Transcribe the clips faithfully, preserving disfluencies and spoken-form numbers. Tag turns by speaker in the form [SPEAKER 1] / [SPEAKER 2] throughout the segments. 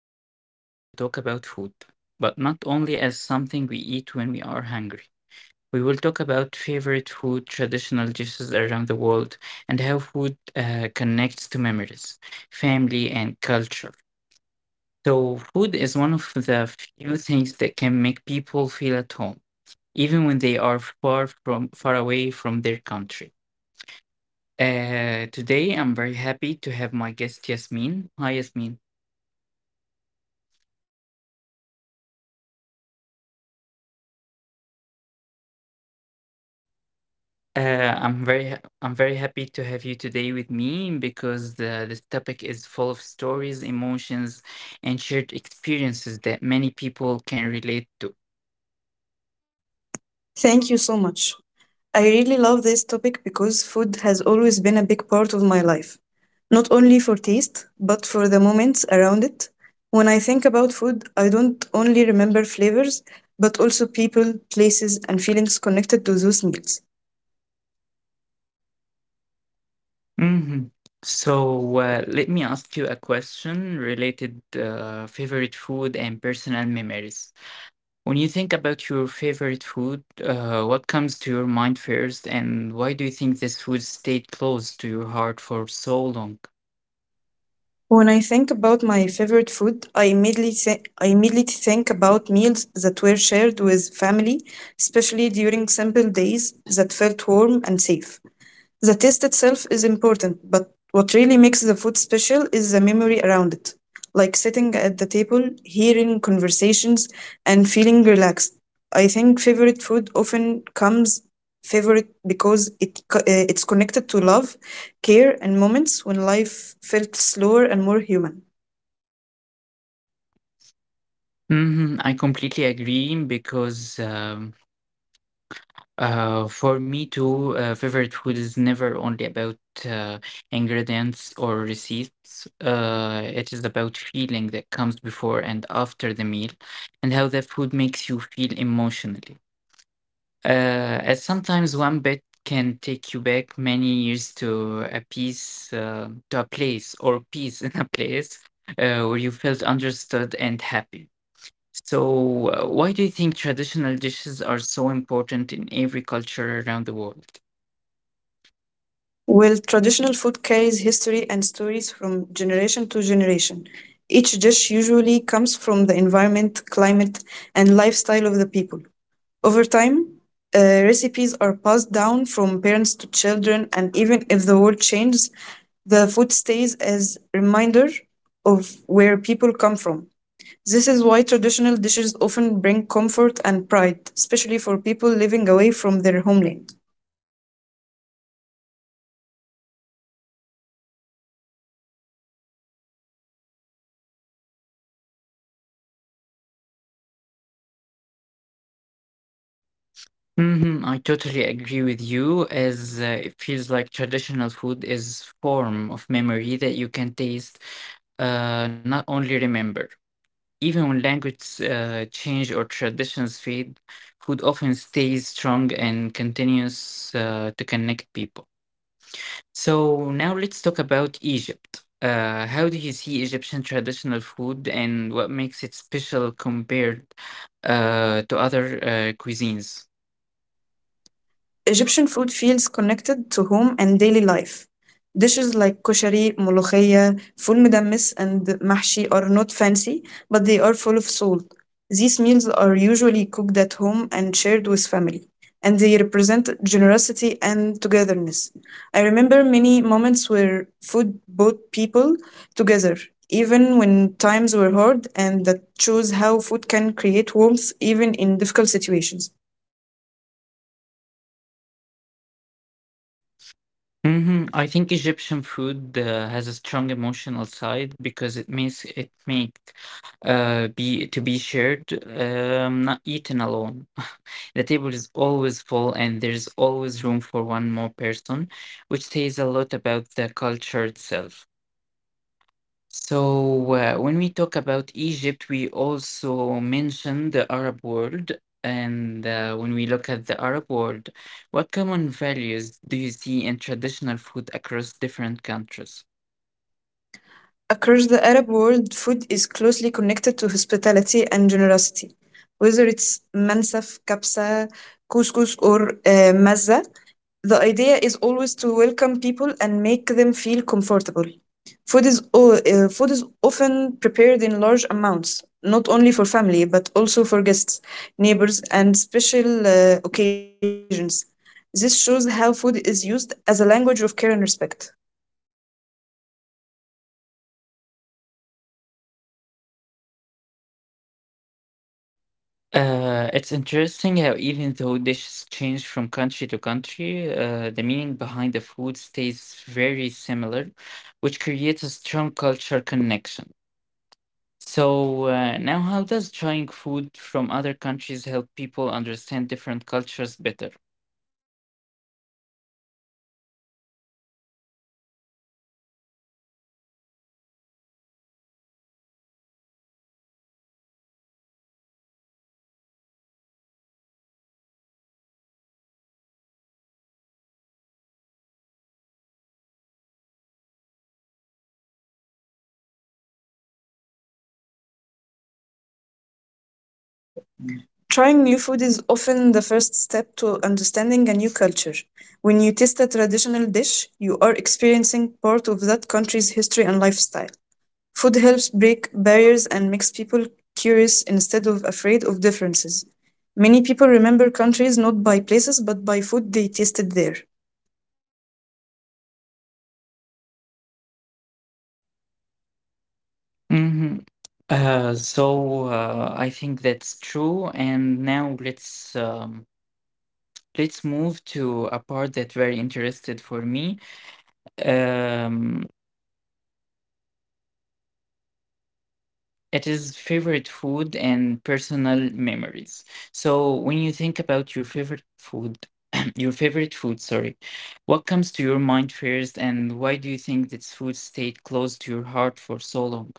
[SPEAKER 1] Today we are going to talk about food, but not only as something we eat when we are hungry. We will talk about favorite food, traditional dishes around the world, and how food uh, connects to memories, family, and culture. So, food is one of the few things that can make people feel at home, even when they are far from far away from their country. Uh, today, I'm very happy to have my guest Yasmin. Hi, Yasmin. Uh, I'm very ha- I'm very happy to have you today with me because the, this topic is full of stories, emotions, and shared experiences that many people can relate to.
[SPEAKER 2] Thank you so much. I really love this topic because food has always been a big part of my life, not only for taste, but for the moments around it. When I think about food, I don't only remember flavors, but also people, places, and feelings connected to those meals.
[SPEAKER 1] Hmm. So uh, let me ask you a question related uh, favorite food and personal memories. When you think about your favorite food, uh, what comes to your mind first, and why do you think this food stayed close to your heart for so long?
[SPEAKER 2] When I think about my favorite food, I immediately, thi- I immediately think about meals that were shared with family, especially during simple days that felt warm and safe. The taste itself is important, but what really makes the food special is the memory around it, like sitting at the table, hearing conversations, and feeling relaxed. I think favorite food often comes favorite because it co- uh, it's connected to love, care, and moments when life felt slower and more human.
[SPEAKER 1] Mhm, I completely agree because um, uh, for me too, uh, favorite food is never only about uh, ingredients or receipts. Uh, it is about feeling that comes before and after the meal and how that food makes you feel emotionally. Uh, as sometimes one bite can take you back many years to a piece, uh, to a place or peace in a place uh, where you felt understood and happy. So, uh, why do you think traditional dishes are so important in every culture around the world?
[SPEAKER 2] While traditional food carries history and stories from generation to generation, each dish usually comes from the environment, climate, and lifestyle of the people. Over time, uh, recipes are passed down from parents to children, and even if the world changes, the food stays as reminder of where people come from. This is why traditional dishes often bring comfort and pride, especially for people living away from their homeland.
[SPEAKER 1] Hmm, I totally agree with you, as uh, it feels like traditional food is form of memory that you can taste, uh, not only remember. Even when language uh, change or traditions fade, food often stays strong and continues uh, to connect people. So now let's talk about Egypt. Uh, how do you see Egyptian traditional food and what makes it special compared uh, to other uh, cuisines?
[SPEAKER 2] Egyptian food feels connected to home and daily life. Dishes like koshari, molokhia, ful midamis, and mahshi are not fancy, but they are full of soul. These meals are usually cooked at home and shared with family, and they represent generosity and togetherness. I remember many moments where food brought people together, even when times were hard, and that shows how food can create warmth even in difficult situations.
[SPEAKER 1] Hmm, I think Egyptian food uh, has a strong emotional side because it makes it make uh, be to be shared, um, not eaten alone. The table is always full and there's always room for one more person, which says a lot about the culture itself. So, uh, when we talk about Egypt, we also mention the Arab world. And uh, when we look at the Arab world, what common values do you see in traditional food across different countries?
[SPEAKER 2] Across the Arab world, food is closely connected to hospitality and generosity. Whether it's mansaf, kapsa, couscous, or uh, mazza, the idea is always to welcome people and make them feel comfortable. Food is, o- uh, food is often prepared in large amounts, not only for family, but also for guests, neighbors, and special uh, occasions. This shows how food is used as a language of care and respect.
[SPEAKER 1] Uh, it's interesting how even though dishes change from country to country, uh, the meaning behind the food stays very similar, which creates a strong cultural connection. So, uh, now how does trying food from other countries help people understand different cultures better?
[SPEAKER 2] Trying new food is often the first step to understanding a new culture. When you taste a traditional dish, you are experiencing part of that country's history and lifestyle. Food helps break barriers and makes people curious instead of afraid of differences. Many people remember countries not by places but by food they tasted there.
[SPEAKER 1] Hmm. Uh, so uh, I think that's true. And now let's um, let's move to a part that very interested for me. Um, It is favorite food and personal memories. So when you think about your favorite food, your favorite food, sorry, what comes to your mind first, and why do you think this food stayed close to your heart for so long?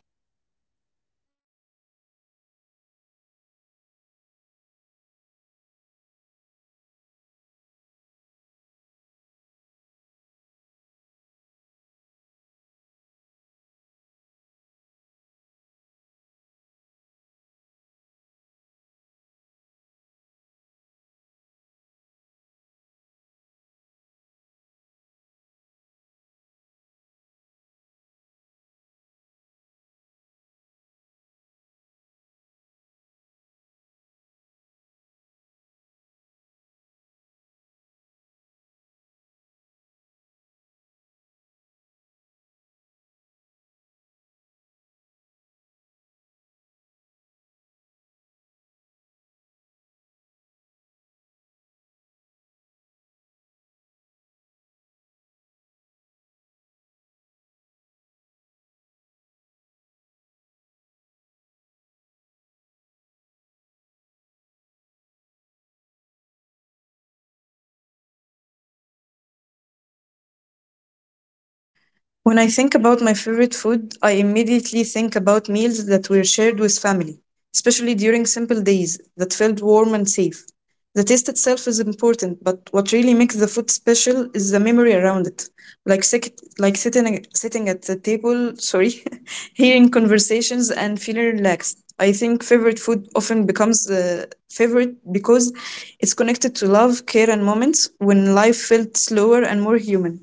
[SPEAKER 2] When I think about my favorite food, I immediately think about meals that were shared with family, especially during simple days that felt warm and safe. The taste itself is important, but what really makes the food special is the memory around it. Like, sec- like sitting, sitting at the table, sorry, hearing conversations and feeling relaxed. I think favorite food often becomes uh, favorite because it's connected to love, care, and moments when life felt slower and more human.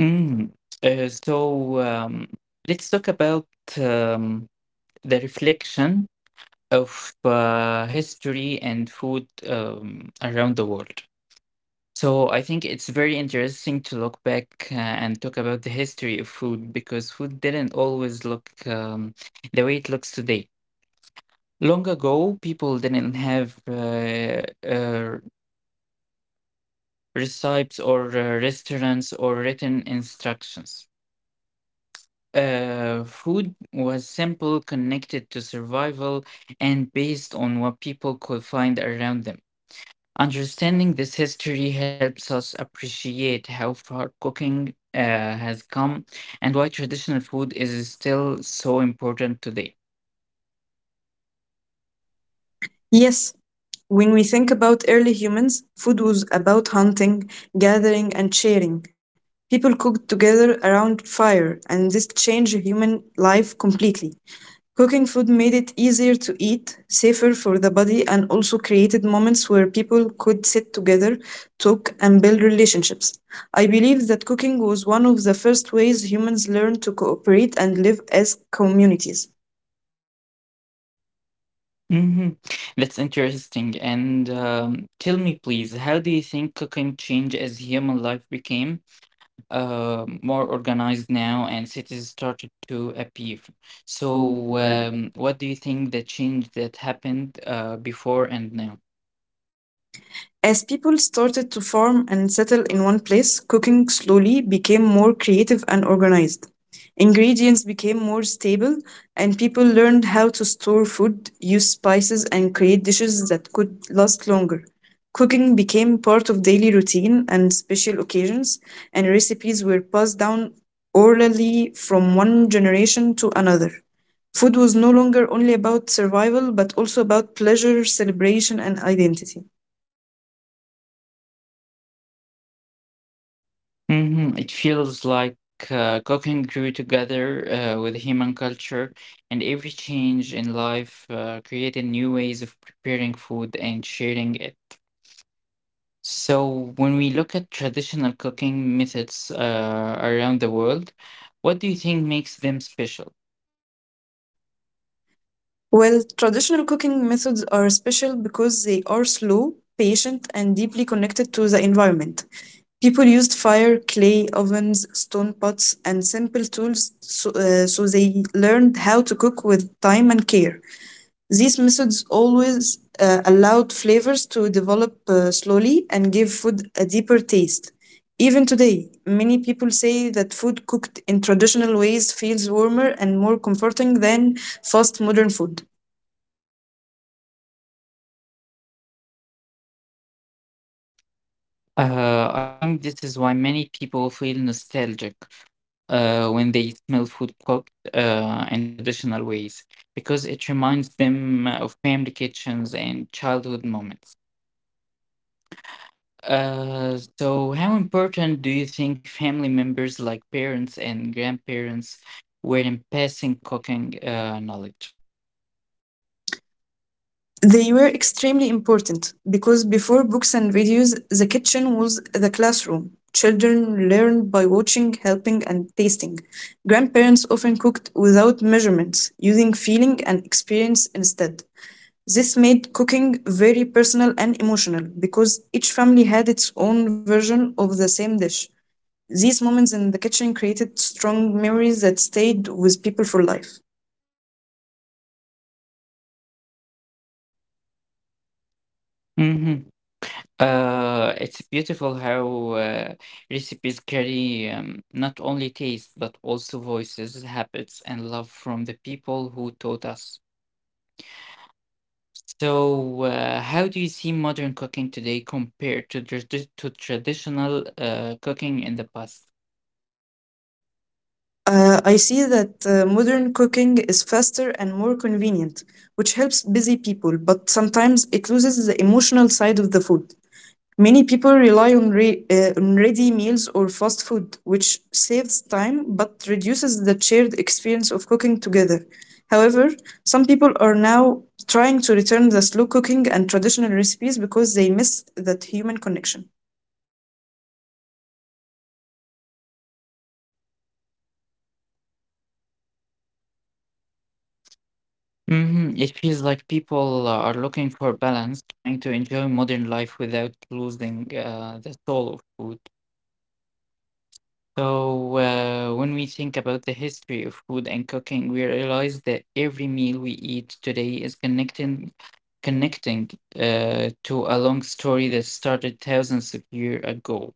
[SPEAKER 1] Mm. Uh, so um, let's talk about um, the reflection of uh, history and food um, around the world. So I think it's very interesting to look back uh, and talk about the history of food because food didn't always look um, the way it looks today. Long ago, people didn't have uh, uh, recipes or uh, restaurants or written instructions. Uh, food was simple, connected to survival, and based on what people could find around them. Understanding this history helps us appreciate how far cooking uh, has come and why traditional food is still so important today.
[SPEAKER 2] Yes, when we think about early humans, food was about hunting, gathering, and sharing. People cooked together around fire, and this changed human life completely. Cooking food made it easier to eat, safer for the body, and also created moments where people could sit together, talk, and build relationships. I believe that cooking was one of the first ways humans learned to cooperate and live as communities.
[SPEAKER 1] Hmm, that's interesting. And um, tell me, please, how do you think cooking changed as human life became uh, more organized now and cities started to appear? So, um, what do you think the change that happened uh, before and now?
[SPEAKER 2] As people started to farm and settle in one place, cooking slowly became more creative and organized. Ingredients became more stable, and people learned how to store food, use spices, and create dishes that could last longer. Cooking became part of daily routine and special occasions, and recipes were passed down orally from one generation to another. Food was no longer only about survival, but also about pleasure, celebration, and identity.
[SPEAKER 1] Mhm, it feels like uh, cooking grew together uh, with human culture, and every change in life uh, created new ways of preparing food and sharing it. So, when we look at traditional cooking methods uh, around the world, what do you think makes them special?
[SPEAKER 2] Well, traditional cooking methods are special because they are slow, patient, and deeply connected to the environment. People used fire, clay, ovens, stone pots, and simple tools, so, uh, so they learned how to cook with time and care. These methods always uh, allowed flavors to develop uh, slowly and give food a deeper taste. Even today, many people say that food cooked in traditional ways feels warmer and more comforting than fast modern food.
[SPEAKER 1] Uh, I think this is why many people feel nostalgic uh, when they smell food cooked uh, in traditional ways, because it reminds them of family kitchens and childhood moments. Uh, so, how important do you think family members like parents and grandparents were in passing cooking uh, knowledge?
[SPEAKER 2] They were extremely important because before books and videos, the kitchen was the classroom. Children learned by watching, helping, and tasting. Grandparents often cooked without measurements, using feeling and experience instead. This made cooking very personal and emotional because each family had its own version of the same dish. These moments in the kitchen created strong memories that stayed with people for life.
[SPEAKER 1] Mm-hmm. Uh, it's beautiful how uh, recipes carry um, not only taste but also voices, habits, and love from the people who taught us. So, uh, how do you see modern cooking today compared to tradi- to traditional uh, cooking in the past?
[SPEAKER 2] Uh, I see that uh, modern cooking is faster and more convenient, which helps busy people, but sometimes it loses the emotional side of the food. Many people rely on, re- uh, on ready meals or fast food, which saves time but reduces the shared experience of cooking together. However, some people are now trying to return the slow cooking and traditional recipes because they miss that human connection.
[SPEAKER 1] Hmm, it feels like people are looking for balance, trying to enjoy modern life without losing uh, the soul of food. So, uh, when we think about the history of food and cooking, we realize that every meal we eat today is connecting connecting uh, to a long story that started thousands of years ago.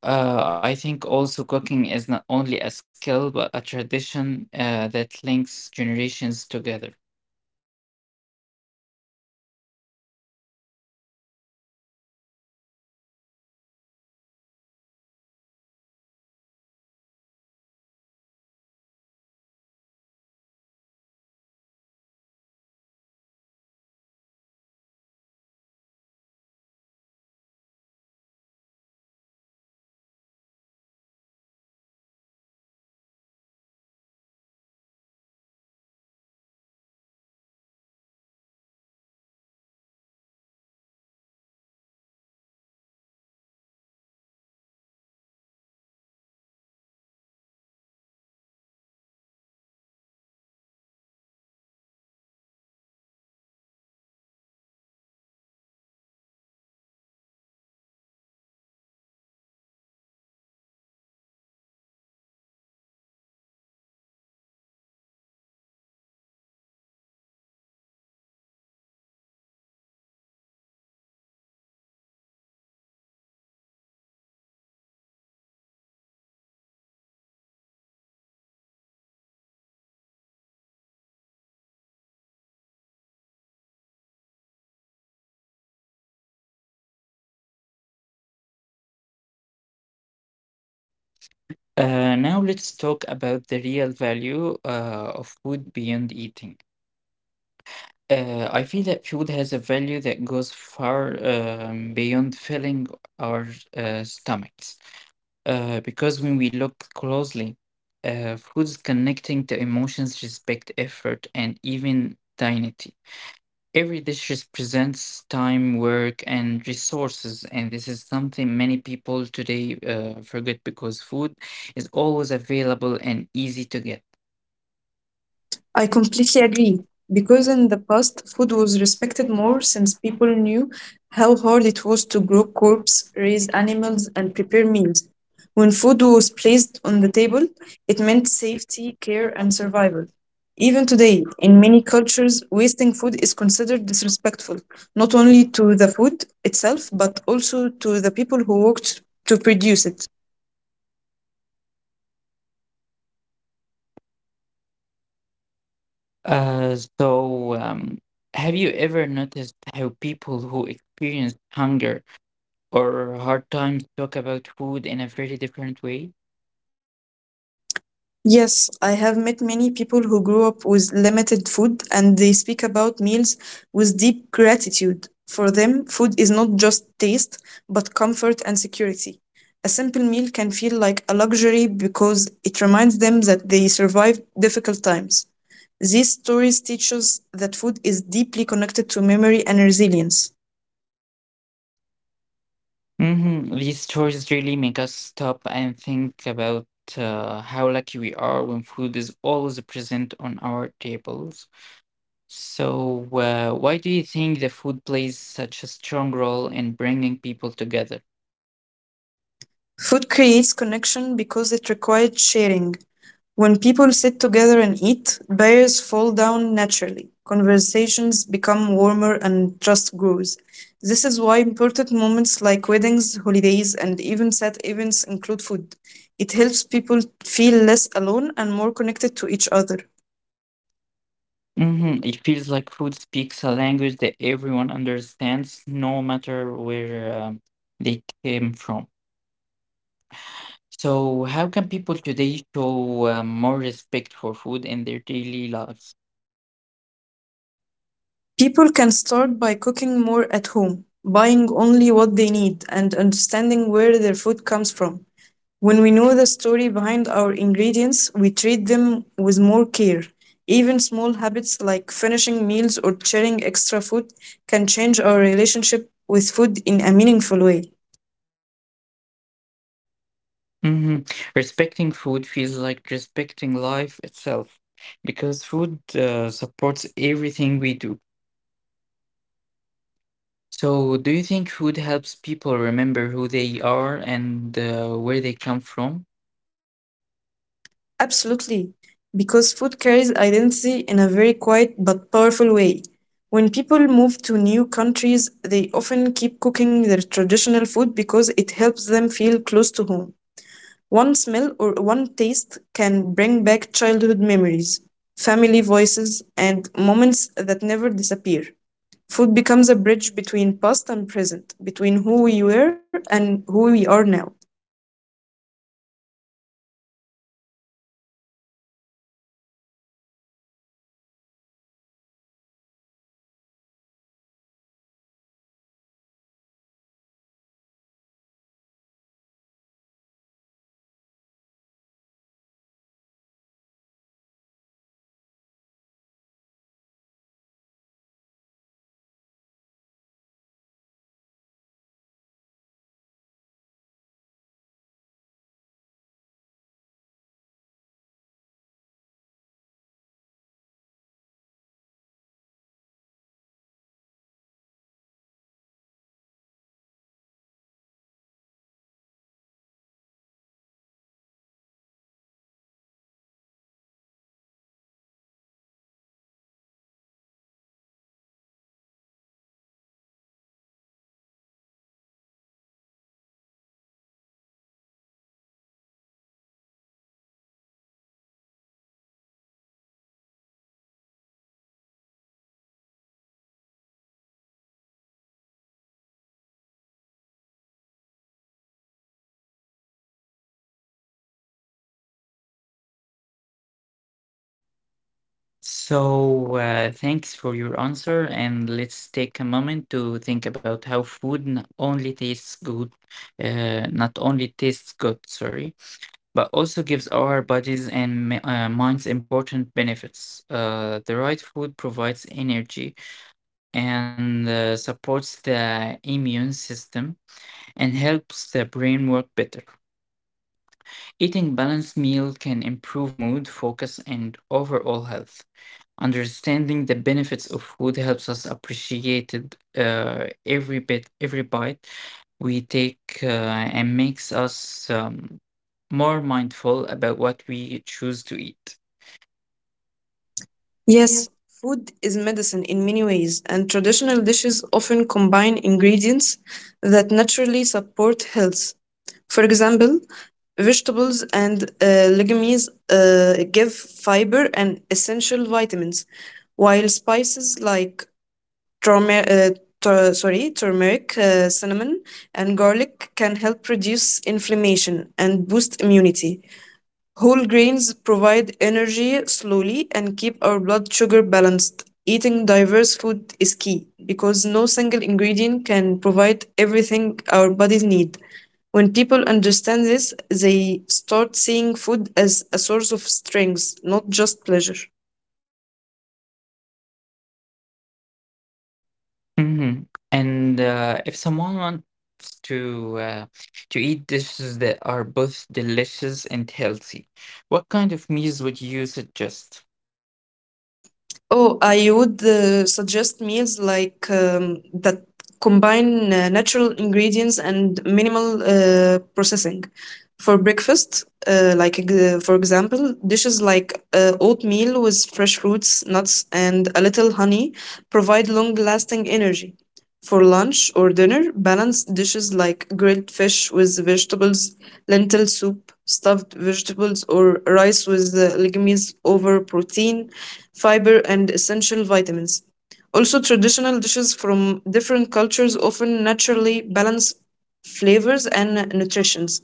[SPEAKER 1] Uh, I think also cooking is not only a skill but a tradition uh, that links generations together. Uh, now let's talk about the real value uh, of food beyond eating. Uh, I feel that food has a value that goes far um, beyond filling our uh, stomachs. Uh, because when we look closely, uh, food is connecting to emotions, respect, effort, and even dignity. Every dish represents time, work, and resources, and this is something many people today uh, forget because food is always available and easy to get. I
[SPEAKER 2] I completely
[SPEAKER 1] completely agree
[SPEAKER 2] agree
[SPEAKER 1] because
[SPEAKER 2] because in the past, food
[SPEAKER 1] food was
[SPEAKER 2] was respected
[SPEAKER 1] respected
[SPEAKER 2] more
[SPEAKER 1] more
[SPEAKER 2] since
[SPEAKER 1] since people
[SPEAKER 2] people knew how hard it was to
[SPEAKER 1] in
[SPEAKER 2] grow crops,
[SPEAKER 1] groups,
[SPEAKER 2] raise
[SPEAKER 1] release animals,
[SPEAKER 2] animals,
[SPEAKER 1] and
[SPEAKER 2] and
[SPEAKER 1] air.
[SPEAKER 2] prepare meals. When
[SPEAKER 1] The
[SPEAKER 2] food
[SPEAKER 1] food
[SPEAKER 2] was
[SPEAKER 1] was placed
[SPEAKER 2] placed on
[SPEAKER 1] on
[SPEAKER 2] the
[SPEAKER 1] the
[SPEAKER 2] table,
[SPEAKER 1] table, it
[SPEAKER 2] it
[SPEAKER 1] meant
[SPEAKER 2] meant
[SPEAKER 1] safety,
[SPEAKER 2] safety, care,
[SPEAKER 1] care,
[SPEAKER 2] and
[SPEAKER 1] and survival.
[SPEAKER 2] survival.
[SPEAKER 1] Even
[SPEAKER 2] Even
[SPEAKER 1] today,
[SPEAKER 2] today,
[SPEAKER 1] in
[SPEAKER 2] in
[SPEAKER 1] many
[SPEAKER 2] many
[SPEAKER 1] cultures,
[SPEAKER 2] cultures, wasting
[SPEAKER 1] food
[SPEAKER 2] food
[SPEAKER 1] is
[SPEAKER 2] is
[SPEAKER 1] considered
[SPEAKER 2] considered
[SPEAKER 1] essential
[SPEAKER 2] disrespectful,
[SPEAKER 1] not
[SPEAKER 2] not only
[SPEAKER 1] only to
[SPEAKER 2] to the
[SPEAKER 1] the food
[SPEAKER 2] food itself,
[SPEAKER 1] itself, but
[SPEAKER 2] but also to the people who worked to
[SPEAKER 1] to
[SPEAKER 2] produce
[SPEAKER 1] use it.
[SPEAKER 2] it.
[SPEAKER 1] Uh, so, um, have you ever noticed how people who experience hunger or hard times talk about food in a very different way?
[SPEAKER 2] Yes, I have met many people who grew up with limited food and they speak about meals with deep gratitude. For them, food is not just taste, but comfort and security. A simple meal can feel like a luxury because it reminds them that they survived difficult times. These stories teach us that food is deeply connected to memory and resilience.
[SPEAKER 1] Mhm, these stories really make us stop and think about uh, how lucky we are when food is always present on our tables. So, uh, why do you think the food plays such a strong role in bringing people together?
[SPEAKER 2] Food creates connection because it requires sharing. When people sit together and eat, barriers fall down naturally. Conversations become warmer and trust grows. This is why important moments like weddings, holidays, and even sad events include food. It helps people feel less alone and more connected to each other.
[SPEAKER 1] Hmm, it feels like food speaks a language that everyone understands, no matter where um, they came from. So, how can people today show uh, more respect for food in their daily lives?
[SPEAKER 2] People can start by cooking more at home, buying only what they need, and understanding where their food comes from. When we know the story behind our ingredients, we treat them with more care. Even small habits like finishing meals or sharing extra food can change our relationship with food in a meaningful way.
[SPEAKER 1] Hmm. Respecting food feels like respecting life itself because food uh, supports everything we do. So, do you think food helps people remember who they are and uh, where they come from?
[SPEAKER 2] Absolutely, because food carries identity in a very quiet but powerful way. When people move to new countries, they often keep cooking their traditional food because it helps them feel close to home. One smell or one taste can bring back childhood memories, family voices, and moments that never disappear. Food becomes a bridge between past and present, between who we were and who we are now.
[SPEAKER 1] So, uh, thanks for your answer, and let's take a moment to think about how food not only tastes good, uh, not only tastes good, sorry, but also gives our bodies and mi- uh, minds important benefits. Uh, the right food provides energy and uh, supports the immune system and helps the brain work better. Eating balanced meal can improve mood, focus, and overall health. Understanding the benefits of food helps us appreciate it, uh, every bit, every bite we take, uh, and makes us um, more mindful about what we choose to eat. Yes.
[SPEAKER 2] Yes, food is medicine in many ways, and traditional dishes often combine ingredients that naturally support health. For example, vegetables and uh, legumes uh, give fiber and essential vitamins, while spices like turmeric, uh, tur- sorry, turmeric, uh, cinnamon, and garlic can help reduce inflammation and boost immunity. Whole grains provide energy slowly and keep our blood sugar balanced. Eating diverse food is key because no single ingredient can provide everything our bodies need. When people understand this, they start seeing food as a source of strength, not just pleasure.
[SPEAKER 1] Hmm. And uh, if someone wants to uh, to eat dishes that are both delicious and healthy, what kind of meals would you suggest?
[SPEAKER 2] Oh, I would uh, suggest meals like um, that combine uh, natural ingredients and minimal uh, processing. For breakfast, uh, like ex- for example, dishes like uh, oatmeal with fresh fruits, nuts, and a little honey provide long-lasting energy. For lunch or dinner, balanced dishes like grilled fish with vegetables, lentil soup, stuffed vegetables, or rice with uh, legumes over protein fiber, and essential vitamins. Also, traditional dishes from different cultures often naturally balance flavors and nutritions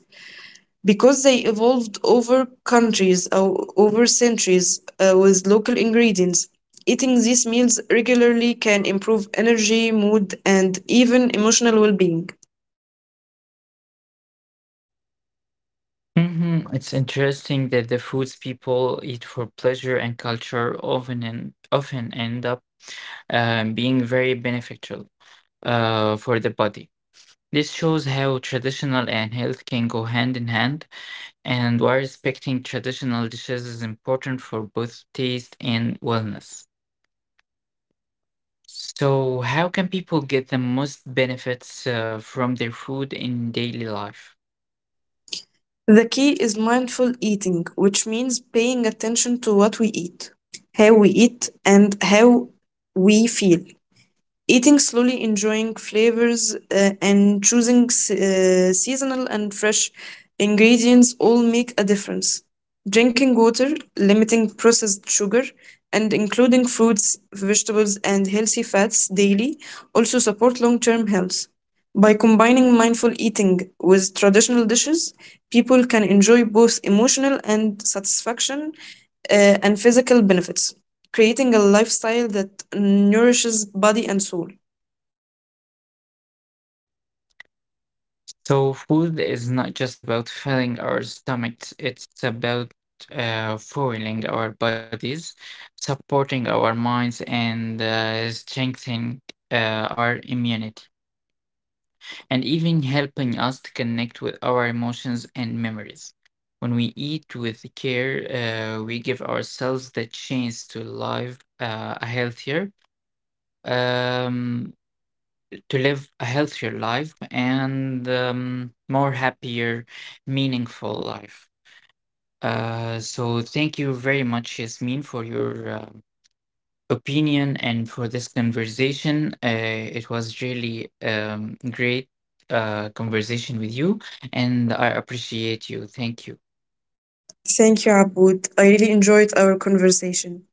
[SPEAKER 2] because they evolved over countries or over centuries uh, with local ingredients. Eating these meals regularly can improve energy, mood, and even emotional well being.
[SPEAKER 1] Hmm, it's interesting that the foods people eat for pleasure and culture often and often end up um, being very beneficial uh, for the body. This shows how traditional and health can go hand in hand, and why respecting traditional dishes is important for both taste and wellness. So, how can people get the most benefits uh, from their food in daily life?
[SPEAKER 2] The key is mindful eating, which means paying attention to what we eat, how we eat, and how we feel. Eating slowly, enjoying flavors, uh, and choosing s- uh, seasonal and fresh ingredients all make a difference. Drinking water, limiting processed sugar, and including fruits, vegetables, and healthy fats daily also support long term health. By combining mindful eating with traditional dishes, people can enjoy both emotional and satisfaction uh, and physical benefits creating a lifestyle that nourishes body and soul.
[SPEAKER 1] So food is not just about filling our stomachs, it's about uh, fueling our bodies, supporting our minds, and uh, strengthening uh, our immunity, and even helping us to connect with our emotions and memories. When we eat with care, uh, we give ourselves the chance to live uh, a healthier, um, to live a healthier life and um, more happier, meaningful life. Uh, so thank you very much, Yasmin, for your uh, opinion and for this conversation. Uh, it was really um, great uh, conversation with you, and I appreciate you. Thank you.
[SPEAKER 2] Thank you, Aboud. I really enjoyed our conversation.